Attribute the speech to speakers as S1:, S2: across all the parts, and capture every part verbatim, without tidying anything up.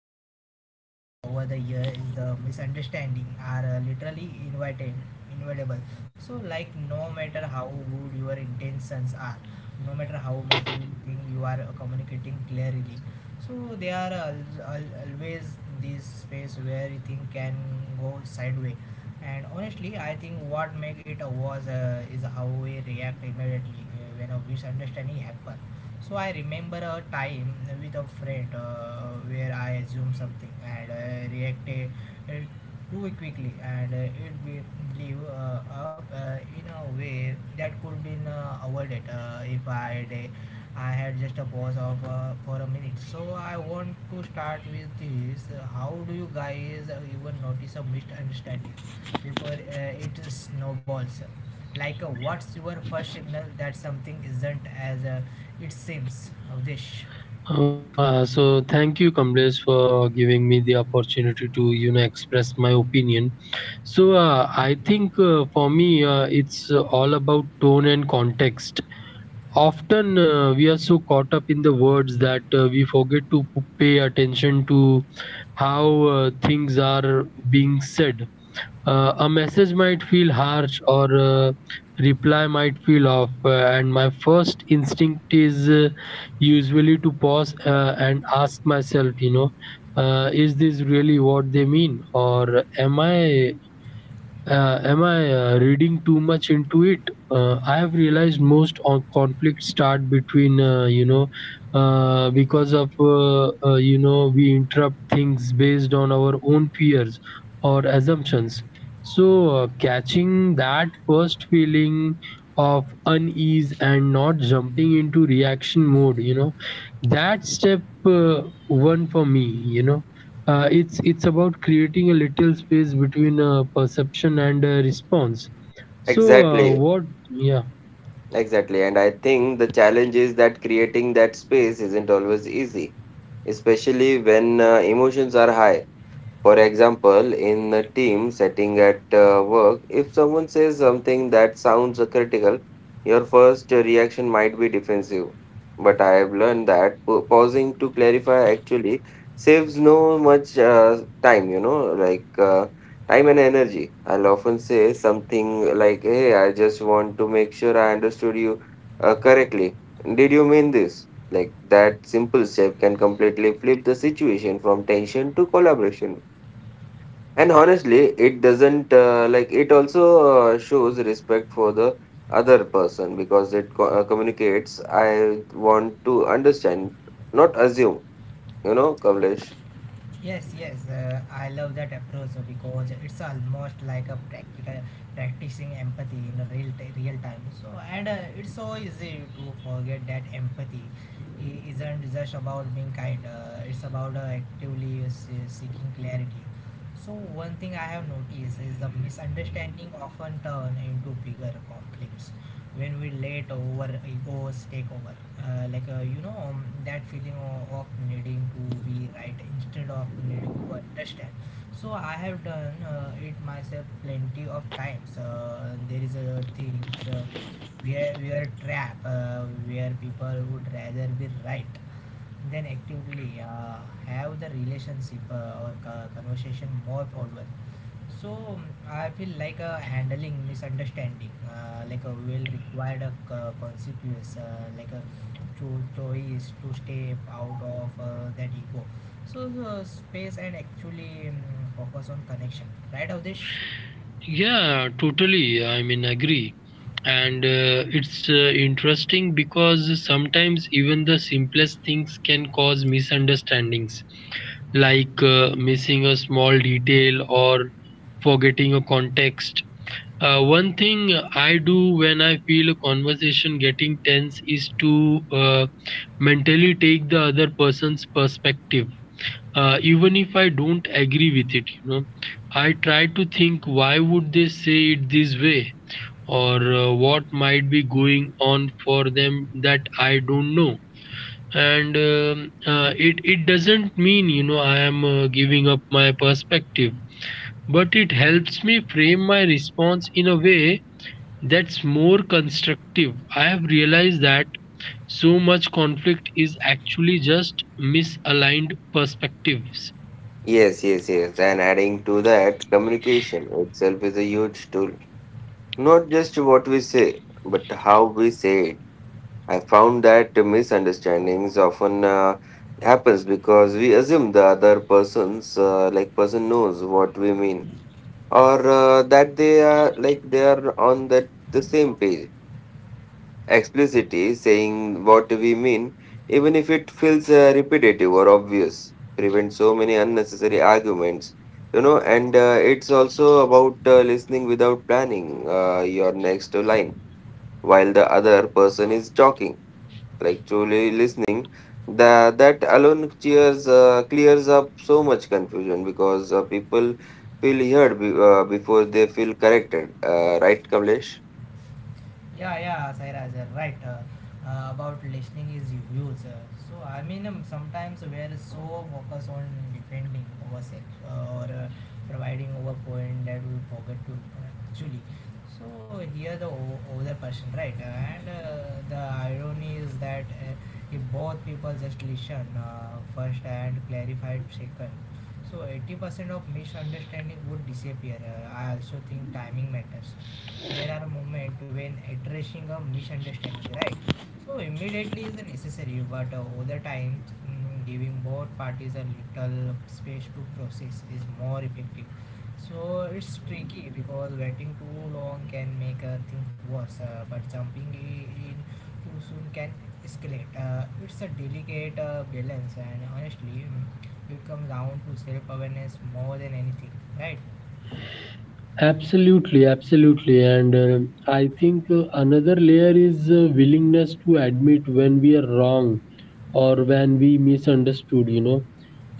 S1: thing I have realized over the year is the misunderstanding are uh, literally invited, inevitable. So, like, no matter how good your intentions are, no matter how much you think you are uh, communicating clearly, so there are al- al- always this space where things can go sideways. And honestly, I think what make it uh, was uh, is how we react immediately uh, when a misunderstanding happens. So I remember a time with a friend uh, where I assumed something and uh, reacted uh, too quickly, and uh, it be- blew uh, up uh, in a way that could be uh, avoided uh, if I had a, I had just a pause of uh, for a minute. So I want to start with this. uh, How do you guys uh, even notice a misunderstanding before uh, it snowballs? Like a what's your first signal that something isn't as uh, it seems, Avdish?
S2: Uh, yeah, so thank you, Kamlesh, for giving me the opportunity to you know express my opinion. So uh, I think uh, for me, uh, it's uh, all about tone and context. Often uh, we are so caught up in the words that uh, we forget to p- pay attention to how uh, things are being said. Uh, a message might feel harsh or a reply might feel off, uh, and my first instinct is uh, usually to pause uh, and ask myself, you know, uh, is this really what they mean, or am I uh, am I uh, reading too much into it? Uh, I have realized most on conflicts start between, uh, you know, uh, because of, uh, uh, you know, we interrupt things based on our own fears or assumptions. So, uh, catching that first feeling of unease and not jumping into reaction mode, you know, that step uh, one for me, you know. Uh, it's it's about creating a little space between uh, perception and uh, response. So uh,
S3: Exactly,
S2: what? Yeah.
S3: exactly. And I think the challenge is that creating that space isn't always easy, especially when uh, emotions are high. For example, in a team setting at uh, work, if someone says something that sounds uh, critical, your first reaction might be defensive. But I have learned that pa- pausing to clarify actually saves no much uh, time, you know, like uh, time and energy. I'll often say something like, "Hey, I just want to make sure I understood you uh, correctly. Did you mean this?" Like that simple step can completely flip the situation from tension to collaboration. And honestly, it doesn't uh, like it also uh, shows respect for the other person because it co- uh, communicates. I want to understand, not assume, you know, Kavlesh.
S1: Yes, yes, uh, I love that approach uh, because it's almost like a practical practicing empathy in a real t- real time. So and uh, it's so easy to forget that empathy i- isn't just about being kind. Uh, it's about uh, actively s- seeking clarity. So one thing I have noticed is the misunderstanding often turn into bigger conflicts when we let over egos take over, uh, like, uh, you know, um, that feeling of, of needing to be right instead of needing to understand. So I have done uh, it myself plenty of times. Uh, there is a things uh, where we are trapped, uh, where people would rather be right then actively uh, have the relationship uh, or co- conversation more forward. So, mm, I feel like uh, handling misunderstanding, uh, like a will require a co- consequence, uh, like a cho- choice to step out of uh, that ego, so uh, space and actually, mm, focus on connection, right, Avdish?
S2: Yeah, totally. I mean, agree. And uh, it's uh, interesting because sometimes even the simplest things can cause misunderstandings, like uh, missing a small detail or forgetting a context. Uh, one thing I do when I feel a conversation getting tense is to uh, mentally take the other person's perspective. Uh, even if I don't agree with it, you know, I try to think why would they say it this way or uh, what might be going on for them that I don't know. And um, uh, it it doesn't mean you know I am uh, giving up my perspective, but it helps me frame my response in a way that's more constructive. I have realized that so much conflict is actually just misaligned perspectives.
S3: Yes, yes, yes. And adding to that, communication itself is a huge tool. Not just what we say, but how we say it. I found that misunderstandings often uh, happens because we assume the other person's uh, like person knows what we mean or uh, that they are like they are on that the same page, explicitly saying what we mean even if it feels uh, repetitive or obvious, prevents so many unnecessary arguments, you know. And uh, it's also about uh, listening without planning uh, your next line while the other person is talking, like truly listening. That that alone cheers uh, clears up so much confusion because uh, people feel heard be, uh, before they feel corrected, uh, right, Kamlesh?
S1: Yeah, yeah, Sairaj, uh, right. Uh, uh, about listening is huge. Uh, so I mean, um, sometimes we are so focused on defending ourselves uh, or uh, providing our point that we forget to uh, actually. So here the o- other person, right? Uh, And uh, the irony is that uh, if both people just listen uh, first and clarify second, so eighty percent of misunderstanding would disappear. Uh, I also think timing matters. There are moments when addressing a misunderstanding, right? So immediately is necessary, but uh, over time, mm, giving both parties a little space to process is more effective. So it's tricky because waiting too long can make uh, things worse, uh, but jumping i- in too soon can escalate. Uh, it's a delicate uh, balance, and honestly, mm, it comes down to self awareness more than anything, right?
S2: Absolutely, absolutely. And uh, I think uh, another layer is uh, willingness to admit when we are wrong or when we misunderstood, you know.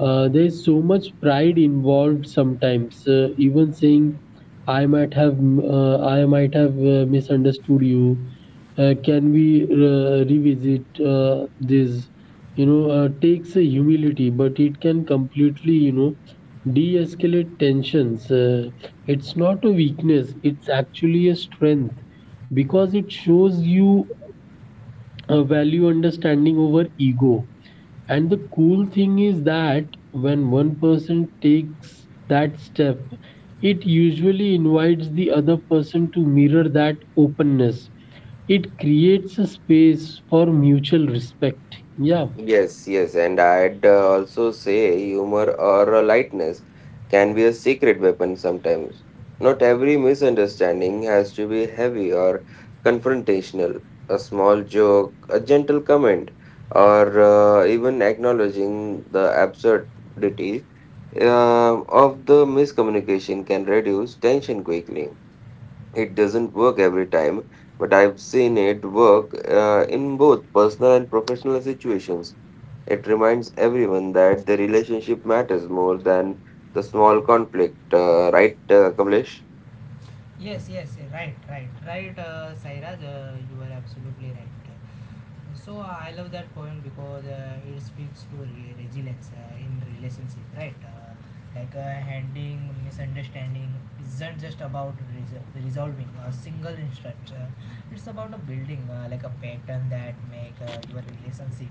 S2: Uh, there is so much pride involved sometimes, uh, even saying, I might have, m- uh, I might have uh, misunderstood you. Uh, can we uh, revisit uh, this? You know, uh, takes a humility, but it can completely, you know, de-escalate tensions. Uh, it's not a weakness, it's actually a strength because it shows you a value understanding over ego. And the cool thing is that when one person takes that step, it usually invites the other person to mirror that openness. It creates a space for mutual respect. Yeah.
S3: Yes, yes, and I'd uh, also say humor or a lightness can be a secret weapon sometimes. Not every misunderstanding has to be heavy or confrontational. A small joke, a gentle comment, or uh, even acknowledging the absurdity uh, of the miscommunication can reduce tension quickly. It doesn't work every time, but I've seen it work uh, in both personal and professional situations. It reminds everyone that the relationship matters more than the small conflict, uh, right, uh, Kamlesh?
S1: Yes, yes, eh, right, right, right, uh, Sairaj, uh, you are absolutely right. So I love that point because uh, it speaks to re- resilience uh, in relationship, right? Uh, like, uh, handling misunderstanding isn't just about res- resolving a single instant. Uh, it's about a building uh, like a pattern that make uh, your relationship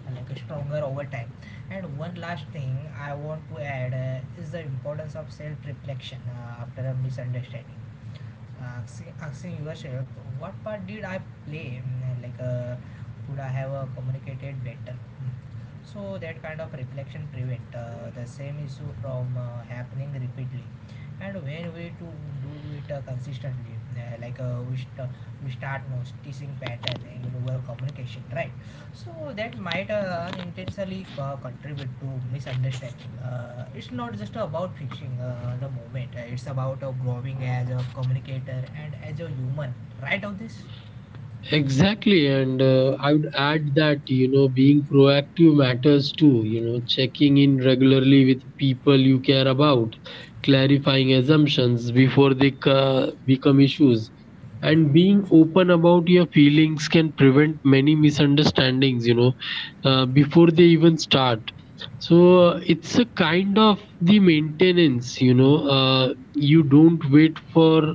S1: uh, like a stronger over time. And one last thing I want to add uh, is the importance of self-reflection uh, after a misunderstanding, asking, asking yourself what part did I play. Mm, like, uh, could I have uh, communicated better? Mm. So that kind of reflection prevent uh, the same issue from uh, happening repeatedly. And when we to do it uh, consistently, uh, like, uh, we, st- we start noticing pattern in our communication, right? So that might uh, unintentionally co- contribute to misunderstanding. Uh, it's not just about fixing uh, the moment. Uh, it's about uh, growing as a communicator and as a human. Right of this?
S2: Exactly, and uh, I would add that you know being proactive matters too. You know, checking in regularly with people you care about, clarifying assumptions before they ca- become issues, and being open about your feelings can prevent many misunderstandings. You know, uh, before they even start. So uh, it's a kind of the maintenance. You know, uh, you don't wait for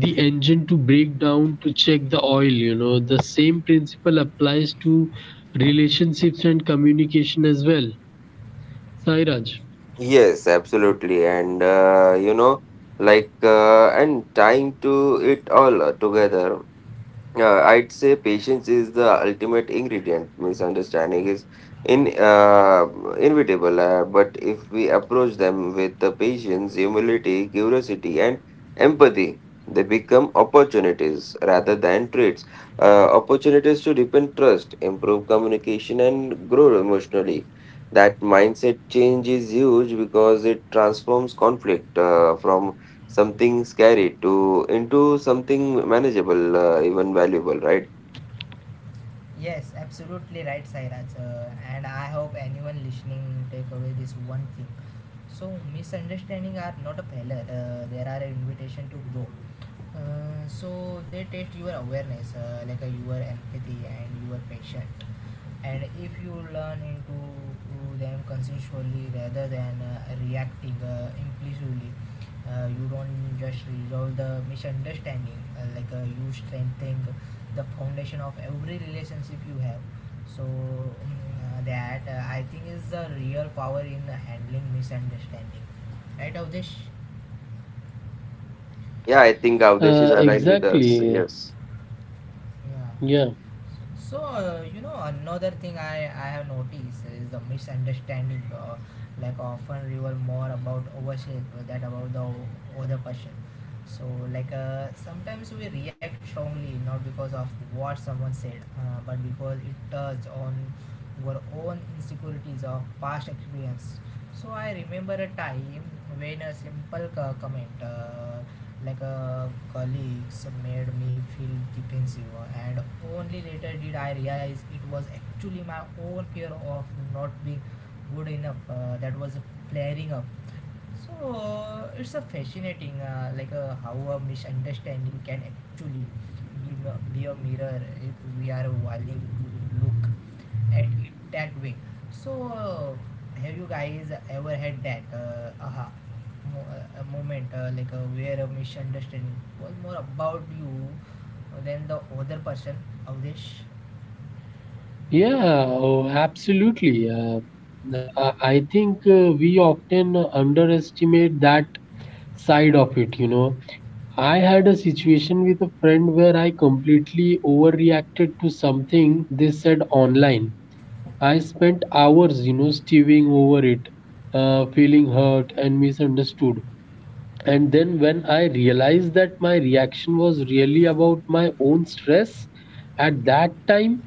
S2: the engine to break down to check the oil, you know, the same principle applies to relationships and communication as well, Sairaj.
S3: Yes, absolutely. And uh, you know, like, uh, and tying to it all uh, together, yeah, I'd say patience is the ultimate ingredient. Misunderstanding is in uh, inevitable, uh, but if we approach them with the patience, humility, curiosity, and empathy, they become opportunities rather than traits. Uh, opportunities to deepen trust, improve communication, and grow emotionally. That mindset change is huge because it transforms conflict uh, from something scary to into something manageable, uh, even valuable, right?
S1: Yes, absolutely right, Sairaj. Uh, and I hope anyone listening take away this one thing. So misunderstanding are not a failure. Uh, there are an invitation to grow. Uh, so they test your awareness, uh, like, uh, your empathy and your patience. And if you learn into them consensually rather than uh, reacting uh, impulsively, uh, you don't just resolve the misunderstanding, uh, like, uh, you strengthen the foundation of every relationship you have. So mm, uh, that uh, I think is the real power in handling misunderstanding, right, Avdesh?
S2: Uh,
S3: Yeah, I think Avdesh is
S2: exactly.
S3: aligned with us. Yes.
S2: Yeah.
S1: Yeah. So uh, you know another thing I I have noticed is the misunderstanding. Uh, like often reveal more about ourselves that about the other person. So like, uh, sometimes we react strongly not because of what someone said, uh, but because it touches on our own insecurities of past experience. So I remember a time when a simple co- comment. Uh, like a colleagues made me feel defensive, and only later did I realize it was actually my own fear of not being good enough uh, that was flaring up. So it's a fascinating, uh, like, uh, how a misunderstanding can actually be, be a mirror if we are willing to look at it that way. So uh, have you guys ever had that uh, aha mo- uh, a moment, uh, like, uh, where a misunderstanding was more about you than the other person, Avdesh?
S2: Yeah oh, absolutely. Uh, uh, i I think uh, we often underestimate that side of it, you know. I had a situation with a friend where I completely overreacted to something they said online. I spent hours, you know, stewing over it, uh, feeling hurt and misunderstood. And then when I realized that my reaction was really about my own stress at that time,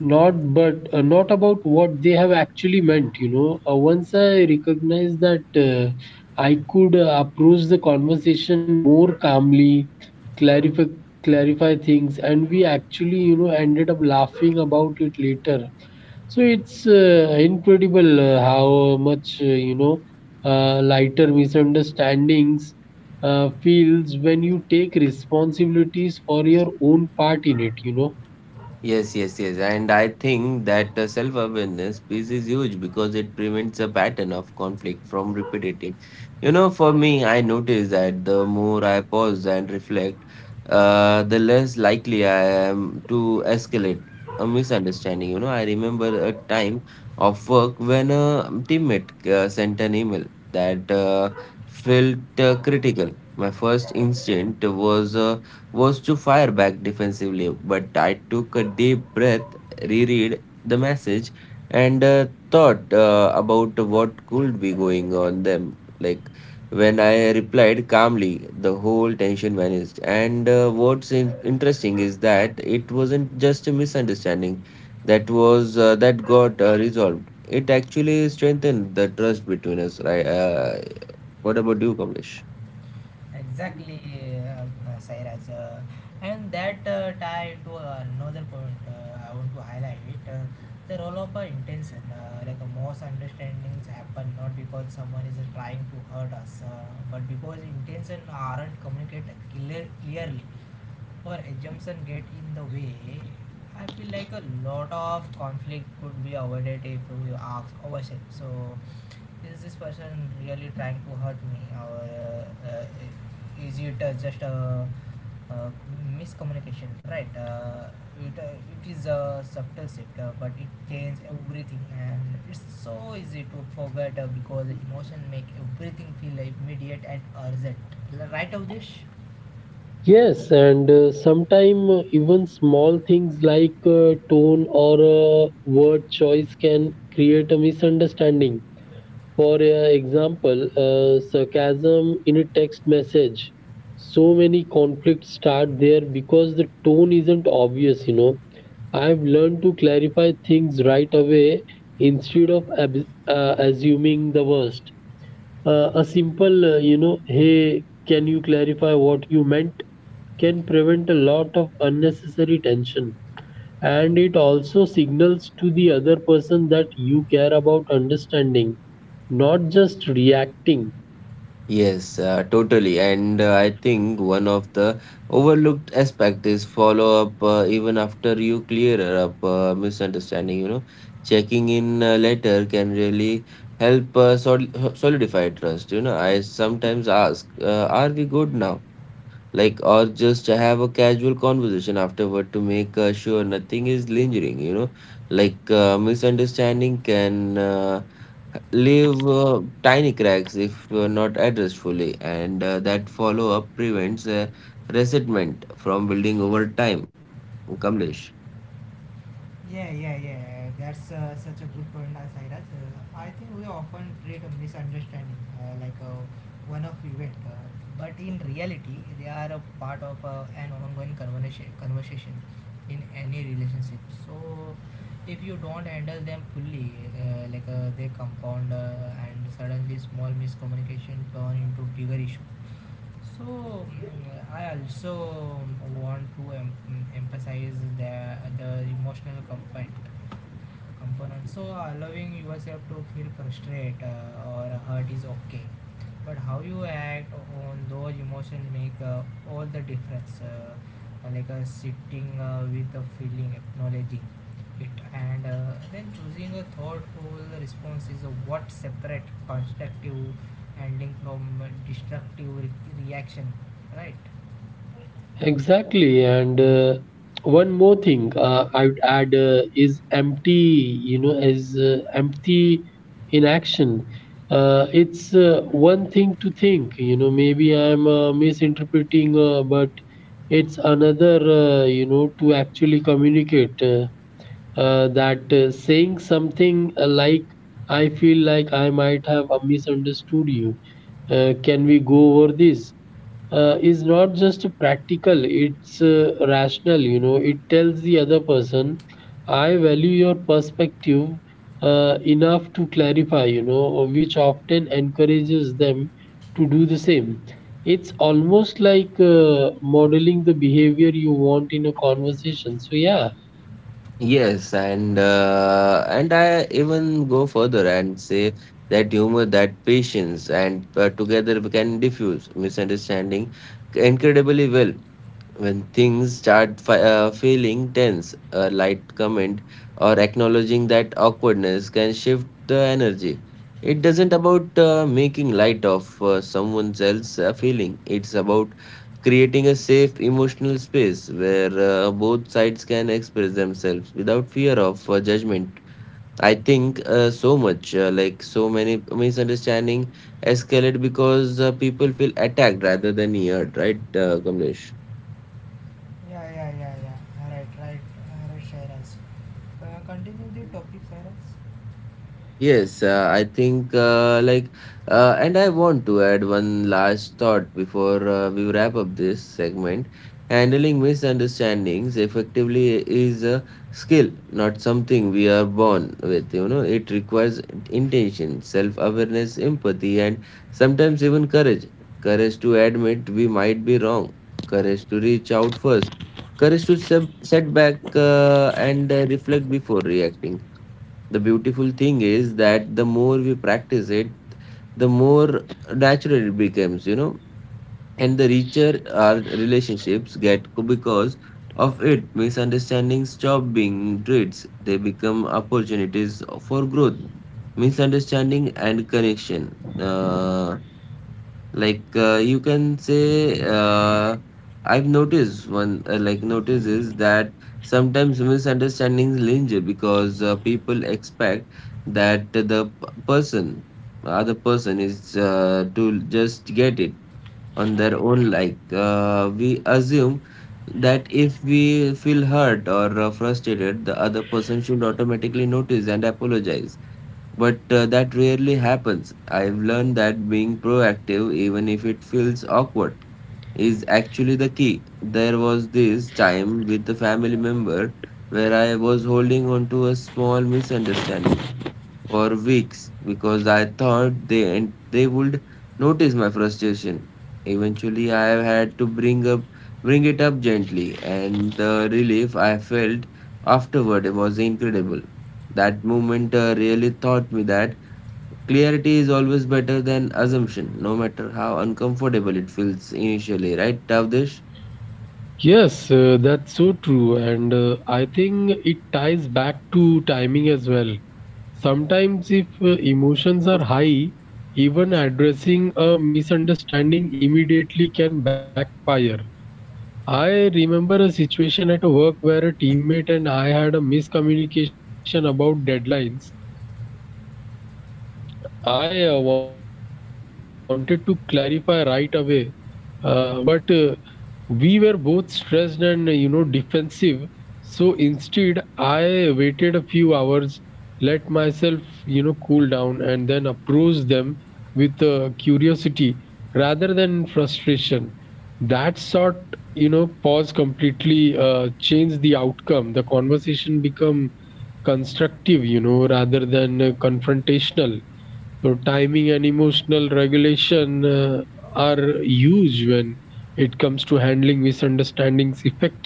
S2: not but uh, not about what they have actually meant, you know. Uh, once I recognized that uh, I could uh, approach the conversation more calmly, clarify clarify things, and we actually, you know, ended up laughing about it later. So it's uh, incredible uh, how much uh, you know uh, lighter misunderstandings uh, feels when you take responsibilities for your own part in it. You know.
S3: Yes, yes, yes. And I think that uh, self awareness piece is huge because it prevents a pattern of conflict from repeating. You know, for me, I notice that the more I pause and reflect, uh, the less likely I am to escalate a misunderstanding. You know, I remember a time of work when a teammate uh, sent an email that uh, felt uh, critical. My first instinct was. Uh, was to fire back defensively, but I took a deep breath, reread the message, and uh, thought uh, about what could be going on them. Like when I replied calmly, the whole tension vanished. And uh, what's in- interesting is that it wasn't just a misunderstanding that was uh, that got uh, resolved. It actually strengthened the trust between us. Right? Uh, what about you, Kamlesh?
S1: Exactly, uh, uh, Sairaj. Uh, and that uh, tie to another point uh, I want to highlight uh, the role of uh, intention. Uh, like, uh, most understandings happen not because someone is uh, trying to hurt us, uh, but because intention aren't communicated clear, clearly or assumption get in the way. I feel like a lot of conflict could be avoided if we ask ourselves. So, is this person really trying to hurt me, or uh, uh, is it uh, just a, uh miscommunication, right? uh, it, uh, it is a subtle shift uh, but it changes everything, and it's so easy to forget uh, because emotion make everything feel immediate and urgent, right of?
S2: Yes, and uh, sometimes even small things like uh, tone or uh, word choice can create a misunderstanding. For uh, example, uh, sarcasm in a text message. So many conflicts start there because the tone isn't obvious, you know. I've learned to clarify things right away instead of ab- uh, assuming the worst. Uh, a simple, uh, you know, hey, can you clarify what you meant? Can prevent a lot of unnecessary tension, and it also signals to the other person that you care about understanding, not just reacting.
S3: Yes, uh, totally. And uh, I think one of the overlooked aspect is follow up, uh, even after you clear up uh, misunderstanding, you know. Checking in uh, later can really help uh, sol solidify trust, you know. I sometimes ask, uh, "Are we good now?" Like, or just have a casual conversation afterward to make uh, sure nothing is lingering, you know. Like uh, misunderstanding can uh, leave uh, tiny cracks if uh, not addressed fully, and uh, that follow up prevents uh, resentment from building over time, Kamlesh.
S1: Yeah, yeah, yeah. That's uh, such a good point, uh, Sairaj. Uh, I think we often treat a misunderstanding uh, like a one-off event, uh, but in reality, they are a part of uh, an ongoing conversation, conversation in any relationship. So, if you don't handle them fully, uh, like, uh, they compound uh, and suddenly small miscommunication turn into bigger issue. So mm, I also want to em- emphasize the the emotional component component. So allowing yourself to feel frustrated uh, or hurt is okay, but how you act on those emotions make uh, all the difference. Uh, like, uh, sitting uh, with the feeling, acknowledging it, and uh, then choosing a thoughtful response is uh, what separate constructive handling from uh, destructive re- reaction, right?
S2: Exactly, and uh, one more thing uh, I would add uh, is empty, you know, is uh, empty in action. Uh, it's uh, one thing to think, you know, maybe I'm uh, misinterpreting, uh, but it's another, uh, you know, to actually communicate, uh, uh, that uh, saying something uh, like, I feel like I might have uh, misunderstood you, uh, can we go over this? Uh, is not just practical, it's uh, rational, you know. It tells the other person, I value your perspective uh, enough to clarify, you know, which often encourages them to do the same. It's almost like uh, modeling the behavior you want in a conversation, so yeah.
S3: Yes, and uh, and I even go further and say that humor, that patience, and uh, together we can diffuse misunderstanding incredibly well. When things start fi- uh, feeling tense, a light comment or acknowledging that awkwardness can shift the energy. It doesn't about uh, making light of uh, someone else's uh, feeling. It's about creating a safe emotional space where uh, both sides can express themselves without fear of uh, judgment. I think uh, so much, uh, like so many misunderstanding escalate because uh, people feel attacked rather than heard, right, uh, Kamlesh?
S1: Yeah, yeah, yeah, yeah. Right, right, right, Sairaj. Uh, continue the topic, Sairaj.
S3: Yes, uh, I think uh, like, uh, and I want to add one last thought before uh, we wrap up this segment. Handling misunderstandings effectively is a skill, not something we are born with. You know, it requires intention, self-awareness, empathy, and sometimes even courage. Courage to admit we might be wrong. Courage to reach out first. Courage to sub- set back uh, and uh, reflect before reacting. The beautiful thing is that the more we practice it, the more natural it becomes, you know, and the richer our relationships get because of it. Misunderstandings stop being traits, they become opportunities for growth, misunderstanding, and connection. Uh, like uh, you can say, uh, I've noticed one uh, like notice is that sometimes misunderstandings linger because uh, people expect that the p- person, other person is uh, to just get it on their own. Like uh, we assume that if we feel hurt or uh, frustrated, the other person should automatically notice and apologize. But uh, that rarely happens. I've learned that being proactive, even if it feels awkward, is actually the key. There was this time with the family member where I was holding on to a small misunderstanding for weeks because I thought they and they would notice my frustration. Eventually, I had to bring up bring it up gently, and the relief I felt afterward was incredible. That moment uh, really taught me that clarity is always better than assumption, no matter how uncomfortable it feels initially, right, Tavdish?
S2: Yes, uh, that's so true. And uh, I think it ties back to timing as well. Sometimes, if uh, emotions are high, even addressing a misunderstanding immediately can backfire. I remember a situation at work where a teammate and I had a miscommunication about deadlines. I uh, wanted to clarify right away, uh, but uh, we were both stressed and uh, you know defensive. So instead, I waited a few hours, let myself, you know, cool down, and then approach them with uh, curiosity rather than frustration. That sort, you know, pause completely uh, changed the outcome. The conversation become constructive, you know, rather than uh, confrontational. So, timing and emotional regulation uh, are huge when it comes to handling misunderstandings effectively,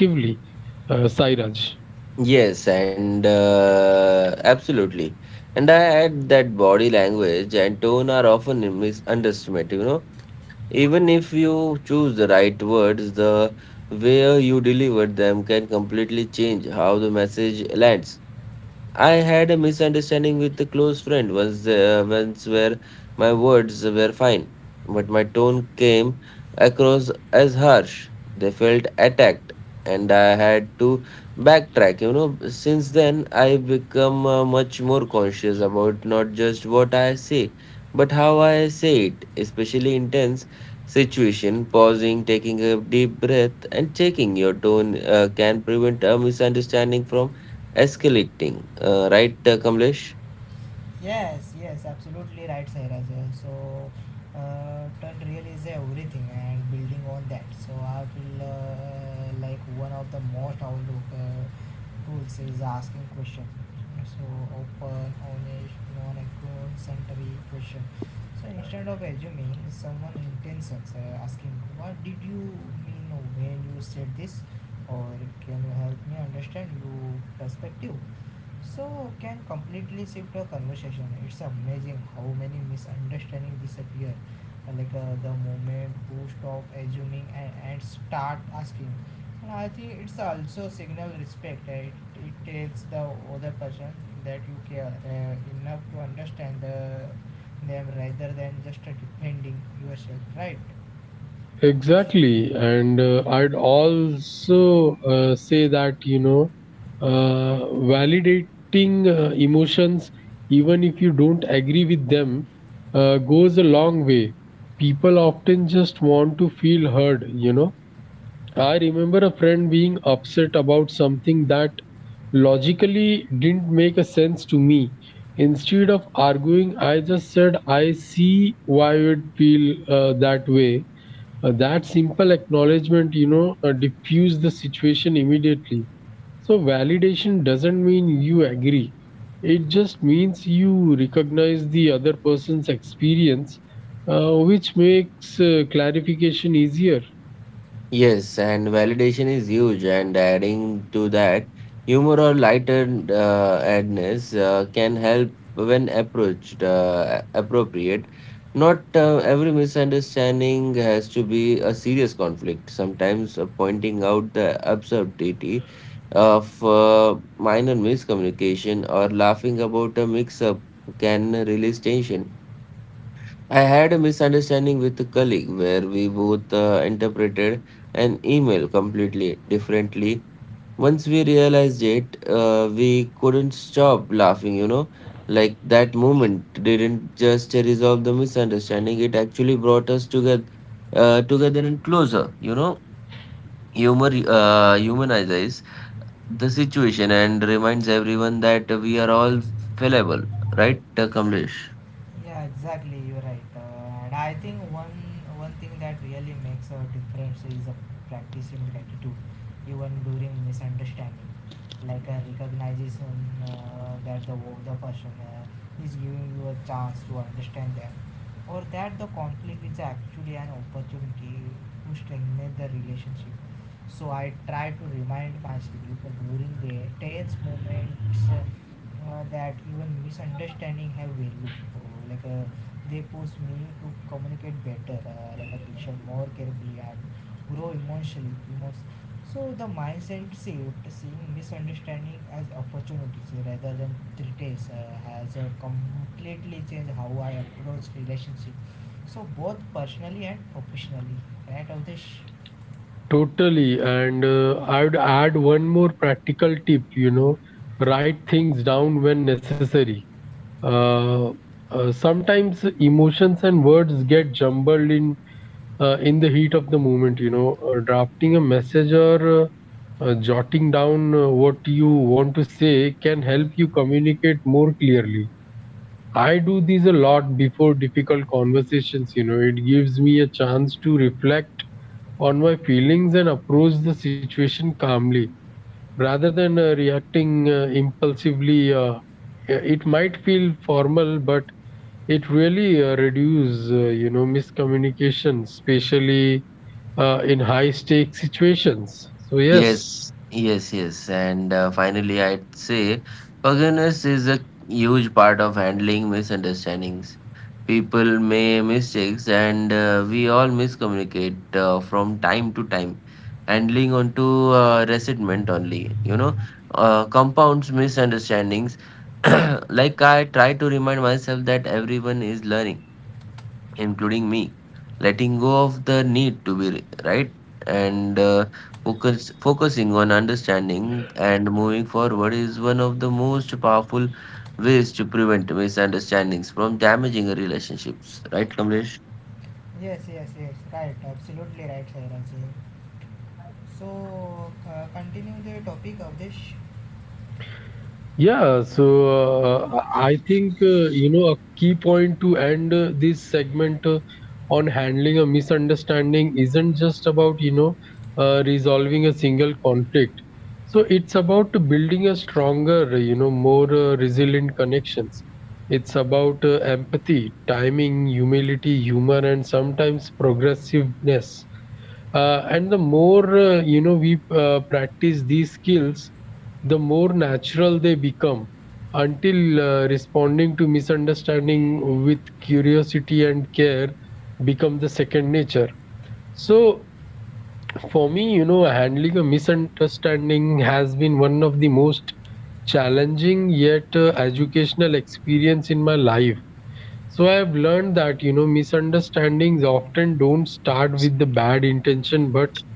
S2: uh, Sairaj.
S3: Yes, and uh, absolutely. And I add that body language and tone are often misunderstood, you know. Even if you choose the right words, the way you deliver them can completely change how the message lands. I had a misunderstanding with a close friend once, uh, once where my words were fine, but my tone came across as harsh. They felt attacked, and I had to backtrack. You know, since then I become uh, much more conscious about not just what I say, but how I say it, especially in tense situation. Pausing, taking a deep breath, and checking your tone uh, can prevent a misunderstanding from escalating, uh, right, uh, Kamlesh?
S1: Yes, yes, absolutely right, Sairaj. Uh, So, uh, turn real is everything, and building on that. So, I feel uh, like one of the most outlook uh, tools is asking question. So, open, honest, non-century question. So, instead of assuming someone intentions, uh, asking, "What did you mean when you said this?" or "Can you help me understand your perspective?" So can completely shift the conversation. It's amazing how many misunderstandings disappear, uh, like, uh, the moment who stop assuming and, and start asking. And I think it's also signal respect. uh, It, it tells the other person that you care uh, enough to understand the, them rather than just uh, defending yourself, right?
S2: Exactly. And uh, I'd also uh, say that, you know, uh, validating uh, emotions, even if you don't agree with them, uh, goes a long way. People often just want to feel heard, you know. I remember a friend being upset about something that logically didn't make a sense to me. Instead of arguing, I just said, I see why you would feel uh, that way. Uh, that simple acknowledgement, you know, uh, diffused the situation immediately. So, validation doesn't mean you agree, it just means you recognize the other person's experience, uh, which makes uh, clarification easier.
S3: Yes, and validation is huge. And adding to that, humor or lighter uh, adness uh, can help when approached uh, appropriate. Not uh, every misunderstanding has to be a serious conflict. Sometimes uh, pointing out the absurdity of uh, minor miscommunication or laughing about a mix-up can release tension. I had a misunderstanding with a colleague where we both uh, interpreted an email completely differently. Once we realized it, uh, we couldn't stop laughing, you know. Like that moment didn't just resolve the misunderstanding, it actually brought us together uh, together and closer, you know. Humor uh, humanizes the situation and reminds everyone that we are all fallible, right, Kamlesh?
S1: Yeah, exactly. You're right. Uh, and I think one one thing that really makes a difference is a practicing gratitude, even during misunderstanding. Like a recognition uh, that the the person uh, is giving you a chance to understand them, or that the conflict is actually an opportunity to strengthen the relationship. So I try to remind myself that during the tense moments. Uh, uh, that even misunderstanding have value, uh, like, uh, they push me to communicate better, uh, like I listen more carefully and grow emotionally emos- so the mindset shift seeing misunderstanding as opportunities rather than threats uh, has uh, completely changed how I approach relationship, so both personally and professionally, right of?
S2: Totally. And uh, I would add one more practical tip, you know, write things down when necessary. Uh, uh, Sometimes emotions and words get jumbled in uh, in the heat of the moment, you know. Uh, drafting a message or uh, uh, jotting down uh, what you want to say can help you communicate more clearly. I do these a lot before difficult conversations, you know, it gives me a chance to reflect on my feelings and approach the situation calmly rather than uh, reacting uh, impulsively. Uh, yeah, it might feel formal, but it really uh, reduces, uh, you know, miscommunication, especially uh, in high stake situations. So
S3: Yes,
S2: yes.
S3: yes, yes. And uh, finally, I'd say forgiveness is a huge part of handling misunderstandings. People make mistakes, and uh, we all miscommunicate uh, from time to time. Handling onto uh, resentment only, you know, uh, compounds misunderstandings. Like, I try to remind myself that everyone is learning, including me, letting go of the need to be ri- right, and uh, focus focusing on understanding and moving forward is one of the most powerful ways to prevent misunderstandings from damaging relationships. Right, Kamlesh?
S1: Yes, yes, yes, right, absolutely right, Sairaj. So, uh, continue the topic of this.
S2: Yeah, so uh, I think uh, you know a key point to end uh, this segment uh, on handling a misunderstanding isn't just about, you know, uh, resolving a single conflict. So it's about building a stronger, you know, more uh, resilient connections. It's about uh, empathy, timing, humility, humor, and sometimes progressiveness. Uh, and the more, uh, you know, we uh, practice these skills, the more natural they become until uh, responding to misunderstanding with curiosity and care become the second nature. So for me, you know, handling a misunderstanding has been one of the most challenging yet uh, educational experience in my life. So I've learned that, you know, misunderstandings often don't start with the bad intention, but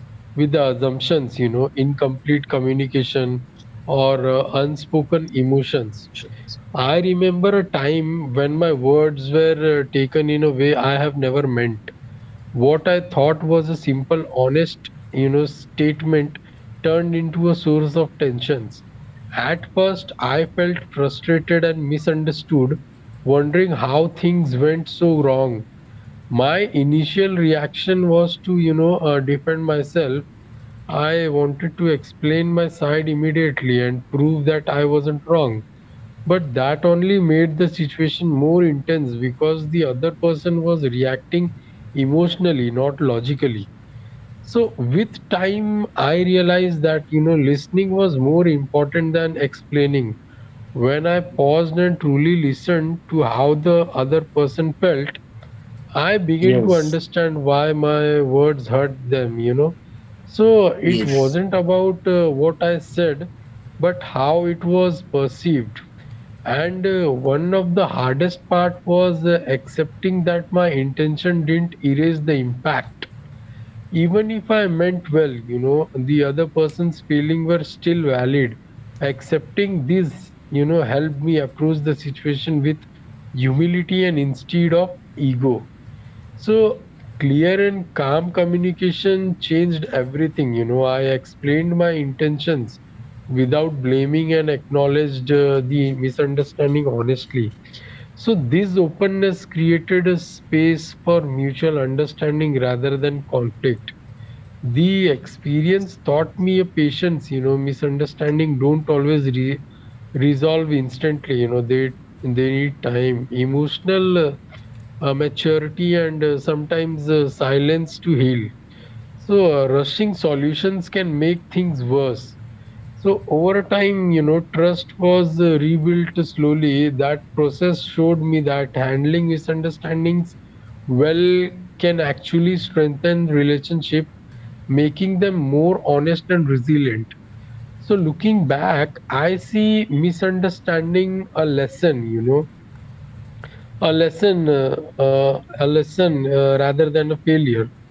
S2: with the assumptions, you know, incomplete communication or uh, unspoken emotions. I remember a time when my words were uh, taken in a way I have never meant. What I thought was a simple, honest, you know, statement turned into a source of tensions. At first, I felt frustrated and misunderstood, wondering how things went so wrong. My initial reaction was to, you know, uh, defend myself. I wanted to explain my side immediately and prove that I wasn't wrong. But that only made the situation more intense because the other person was reacting emotionally, not logically. So, with time, I realized that, you know, listening was more important than explaining. When I paused and truly listened to how the other person felt, I began to
S3: Yes.
S2: understand why my words hurt them, you know. So, it
S3: Yes.
S2: wasn't about uh, what I said, but how it was perceived, and uh, one of the hardest part was uh, accepting that my intention didn't erase the impact. Even if I meant well, you know, the other person's feeling were still valid. Accepting this, you know, helped me approach the situation with humility and instead of ego. So clear and calm communication changed everything. You know, I explained my intentions without blaming and acknowledged uh, the misunderstanding honestly. So this openness created a space for mutual understanding rather than conflict. The experience taught me a patience. You know, misunderstanding don't always re- resolve instantly. You know, they they need time. Emotional. uh, uh, maturity and uh, sometimes uh, silence to heal. So, uh, rushing solutions can make things worse. So, over time, you know, trust was uh, rebuilt slowly. That process showed me that handling misunderstandings well can actually strengthen relationship, making them more honest and resilient. So, looking back, I see misunderstanding a lesson, you know a lesson uh, uh, a lesson uh, rather than a failure.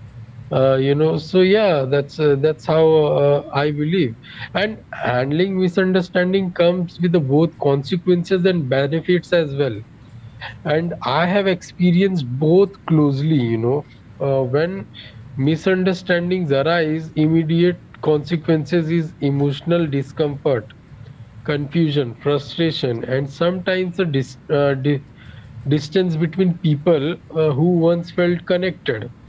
S2: uh, you know so Yeah, that's uh, that's how uh, I believe. And handling misunderstanding comes with the both consequences and benefits as well, and I have experienced both closely. You know uh, when misunderstandings arise, immediate consequences is emotional discomfort, confusion, frustration, and sometimes a dis- uh, di- distance between people uh, who once felt connected.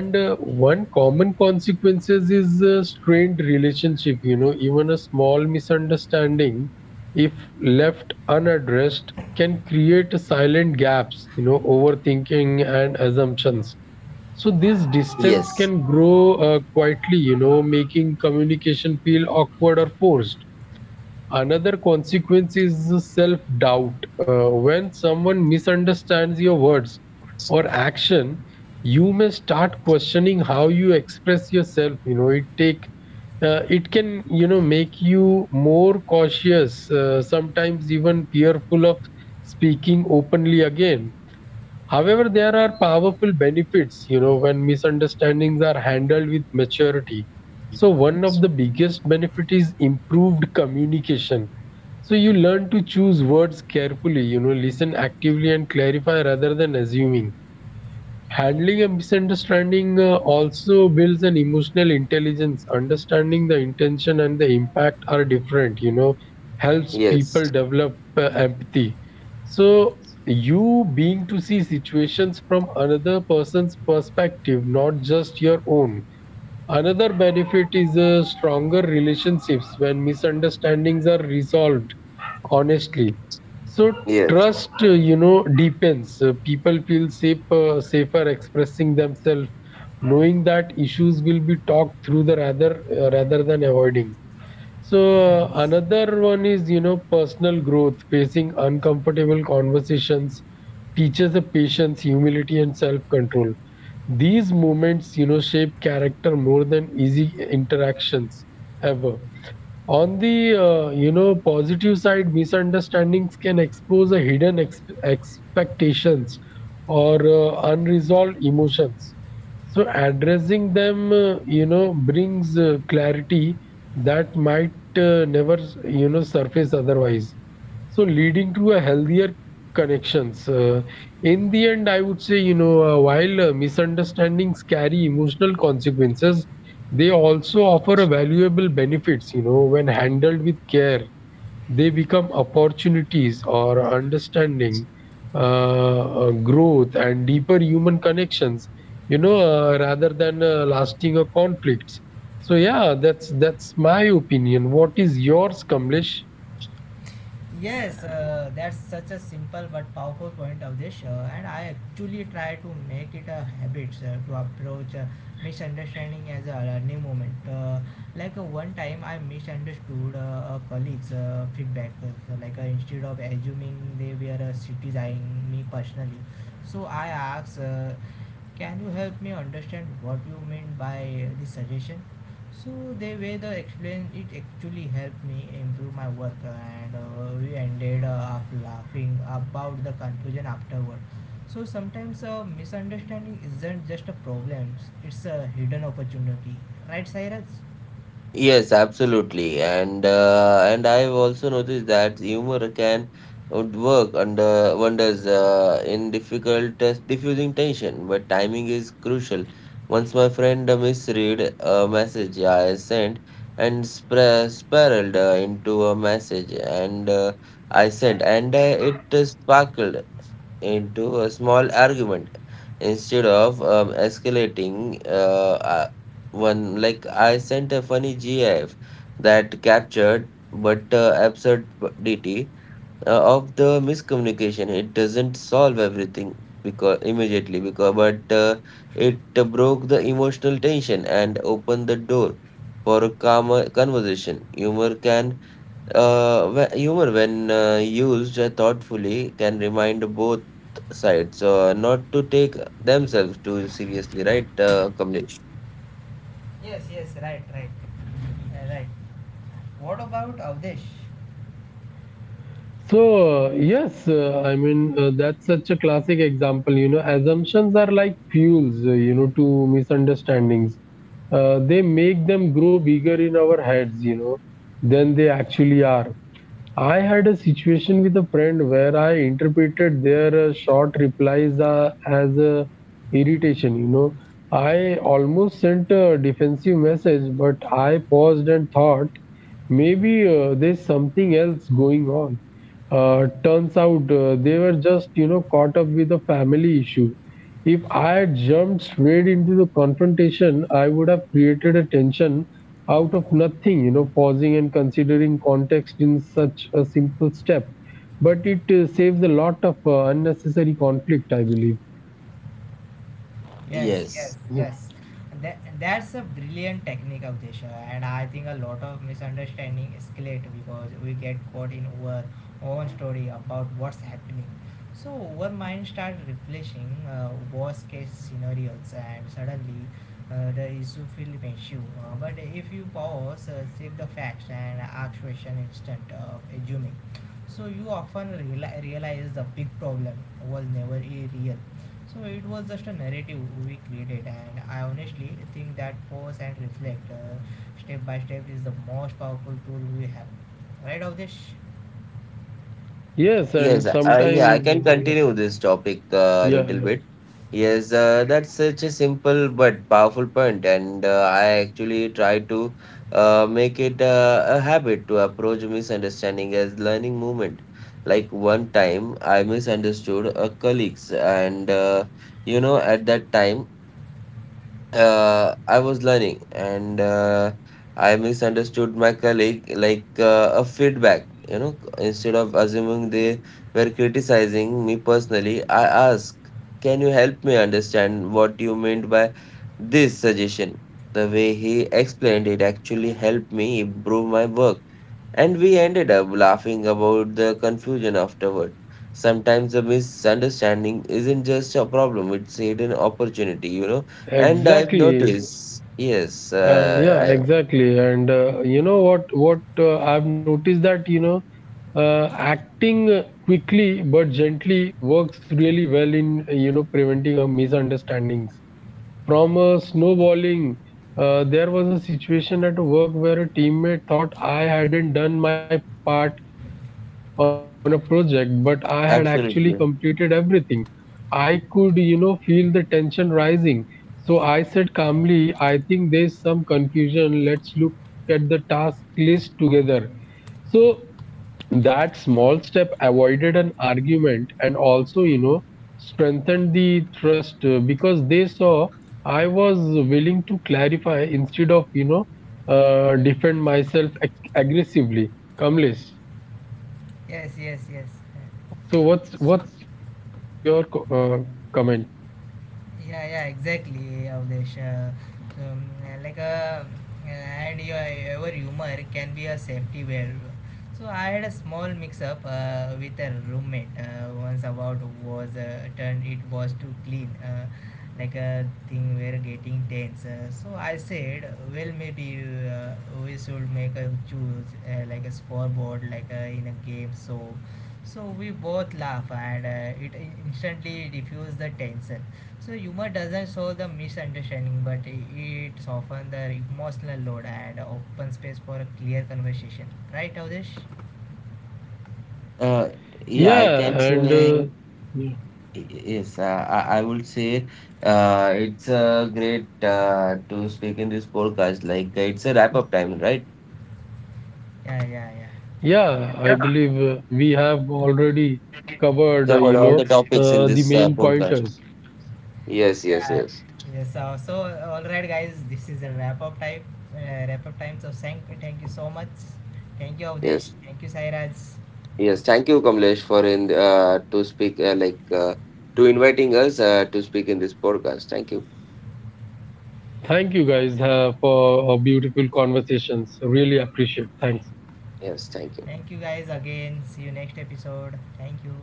S2: And uh, one common consequences is a strained relationship. You know, even a small misunderstanding, if left unaddressed, can create silent gaps. You know, overthinking and assumptions. So this
S3: Yes.
S2: distance can grow uh, quietly, you know, making communication feel awkward or forced. Another consequence is self doubt. Uh, when someone misunderstands your words or action, you may start questioning how you express yourself. You know, it take uh, it can, you know, make you more cautious, uh, sometimes even fearful of speaking openly again. However, there are powerful benefits, you know, when misunderstandings are handled with maturity. So one of the biggest benefit is improved communication, so you learn to choose words carefully, you know, listen actively and clarify rather than assuming. Handling a misunderstanding uh, also builds an emotional intelligence. Understanding the intention and the impact are different, you know, helps
S3: Yes.
S2: people develop uh, empathy. So you being to see situations from another person's perspective, not just your own. Another benefit is uh, stronger relationships when misunderstandings are resolved honestly. So
S3: Yes.
S2: trust, uh, you know, deepens. Uh, people feel safe, uh, safer expressing themselves, knowing that issues will be talked through the rather uh, rather than avoiding. So
S1: Yes.
S2: another one is, you know, personal growth, facing uncomfortable conversations teaches the patience, humility, and self-control. These moments, you know, shape character more than easy interactions ever. On the, uh, you know, positive side, misunderstandings can expose a hidden ex- expectations or uh, unresolved emotions. So addressing them, uh, you know, brings uh, clarity that might uh, never, you know, surface otherwise, so leading to a healthier connections. Uh, in the end, I would say, you know uh, while uh, misunderstandings carry emotional consequences, they also offer a valuable benefits. You know, when handled with care, they become opportunities or understanding, uh, uh, growth and deeper human connections, you know uh, rather than uh, lasting uh, conflicts. So yeah that's that's my opinion. What is yours, Kamlesh?
S1: Yes, uh, that's such a simple but powerful point of this show, and I actually try to make it a habit uh, to approach uh, misunderstanding as a learning moment. Uh, like, uh, one time, I misunderstood uh, a colleague's uh, feedback. Uh, so like, uh, instead of assuming they were uh, criticizing me personally, so I asked, uh, "Can you help me understand what you mean by this suggestion?" So the way they explained it actually helped me improve my work, and uh, we ended uh, up laughing about the conclusion afterward. So sometimes uh, misunderstanding isn't just a problem; it's a hidden opportunity, right, Cyrus?
S3: Yes, absolutely. And uh, and I've also noticed that humor can would work under wonders uh, in difficult uh, diffusing tension, but timing is crucial. Once my friend uh, misread a message I sent and spra spiraled uh, into a message and uh, I sent and uh, it uh, sparkled into a small argument instead of um, escalating. Uh, uh, one like I sent a funny GIF that captured but uh, absurdity uh, of the miscommunication. It doesn't solve everything because immediately because but uh, it broke the emotional tension and opened the door for a calmer conversation. Humor can uh, wh- humor, when uh, used uh, thoughtfully, can remind both sides uh, not to take themselves too seriously, right, uh, Kamlesh?
S1: Yes, yes, right, right, uh, right. What about Avdesh?
S2: So, yes, uh, I mean, uh, that's such a classic example. You know, assumptions are like fuels, uh, you know, to misunderstandings. Uh, they make them grow bigger in our heads, you know, than they actually are. I had a situation with a friend where I interpreted their uh, short replies uh, as uh, irritation. You know, I almost sent a defensive message, but I paused and thought maybe uh, there's something else going on. Uh, turns out uh, they were just, you know, caught up with a family issue. If I had jumped straight into the confrontation, I would have created a tension out of nothing. You know, pausing and considering context in such a simple step. But it uh, saves a lot of uh, unnecessary conflict, I believe.
S1: Yes, yes,
S3: Yes.
S1: yes. That, that's a brilliant technique, Avdesha, and I think a lot of misunderstanding escalate because we get caught in our own story about what's happening. So our mind start refreshing uh, worst case scenarios, and suddenly uh, the issue feel massive. Uh, but if you pause, uh, check the facts, and ask question instead of assuming, so you often reali- realize the big problem was never a real, so it was just a narrative we created. And I honestly think that pause and reflect uh, step by step is the most powerful tool we have. Right, Avdesh?
S2: Yes,
S3: Yes,
S2: and
S3: uh, yeah, I
S2: sometimes,
S3: can
S2: uh,
S3: continue this topic uh, a little
S2: yeah, yeah,
S3: bit. Yes, uh, that's such a simple but powerful point, and uh, I actually try to uh, make it uh, a habit to approach misunderstanding as learning moment. Like one time, I misunderstood a colleagues, and uh, you know, at that time, uh, I was learning, and uh, I misunderstood my colleague like uh, a feedback. You know, instead of assuming they were criticizing me personally, I asked, "Can you help me understand what you meant by this suggestion?" The way he explained it actually helped me improve my work. And we ended up laughing about the confusion afterward. Sometimes a misunderstanding isn't just a problem, it's a hidden opportunity, you know. And I've
S2: exactly.
S3: noticed, yes,
S2: Uh, yeah,
S3: uh,
S2: exactly. And uh, you know what? What uh, I've noticed that, you know, uh, acting quickly but gently works really well in, uh, you know, preventing uh, misunderstandings from uh, snowballing. Uh, there was a situation at work where a teammate thought I hadn't done my part on a project, but I had actually
S3: I
S2: completed
S3: absolutely.
S2: everything. I could, you know, feel the tension rising. So I said calmly, I think there's some confusion. Let's look at the task list together. So that small step avoided an argument and also, you know, strengthened the trust uh, because they saw I was willing to clarify instead of, you know, uh, defend myself ag- aggressively. Kamlesh,
S1: Yes, yes, yes.
S2: so what's
S1: So.
S2: what's your co- uh, comment?
S1: Yeah, yeah, exactly, Avdesh. Uh, um, like a and your, your humor can be a safety valve. So I had a small mix-up uh, with a roommate uh, once about was uh, turned it was too clean, uh, like a thing we're getting tense. Uh, so I said, well, maybe uh, we should make a choose uh, like a scoreboard, like a, in a game. So, so we both laugh and uh, it instantly diffused the tension. So humor doesn't solve the misunderstanding, but it softens the emotional load and open space for a clear conversation. Right, Avdish?
S3: Uh, yeah, I can
S2: Yeah,
S3: say,
S2: and uh, yeah,
S3: yes, uh, I, I would say uh, it's uh, great uh, to speak in this podcast. Like, uh, it's a wrap up time, right?
S1: Yeah, yeah, yeah.
S2: yeah, I believe uh, we have already
S3: Covered
S2: covered, uh,
S3: all the
S2: you know,
S3: topics in this
S2: uh,
S3: uh,
S2: the main
S3: podcast.
S2: pointers.
S3: Yes, yes,
S1: Yeah.
S3: yes,
S1: Yes. So, so all right, guys. This is a wrap up time. Uh, wrap up time. So thank thank you so much. Thank you, Avdish.
S3: yes.
S1: Thank you, Sairaj.
S3: Yes, thank you, Kamlesh, for in uh, to speak uh, like uh, to inviting us uh, to speak in this podcast. Thank you.
S2: Thank you guys uh, for uh, beautiful conversations. Really appreciate. Thanks.
S3: Yes, thank you.
S1: Thank you, guys. Again. See you next episode. Thank you.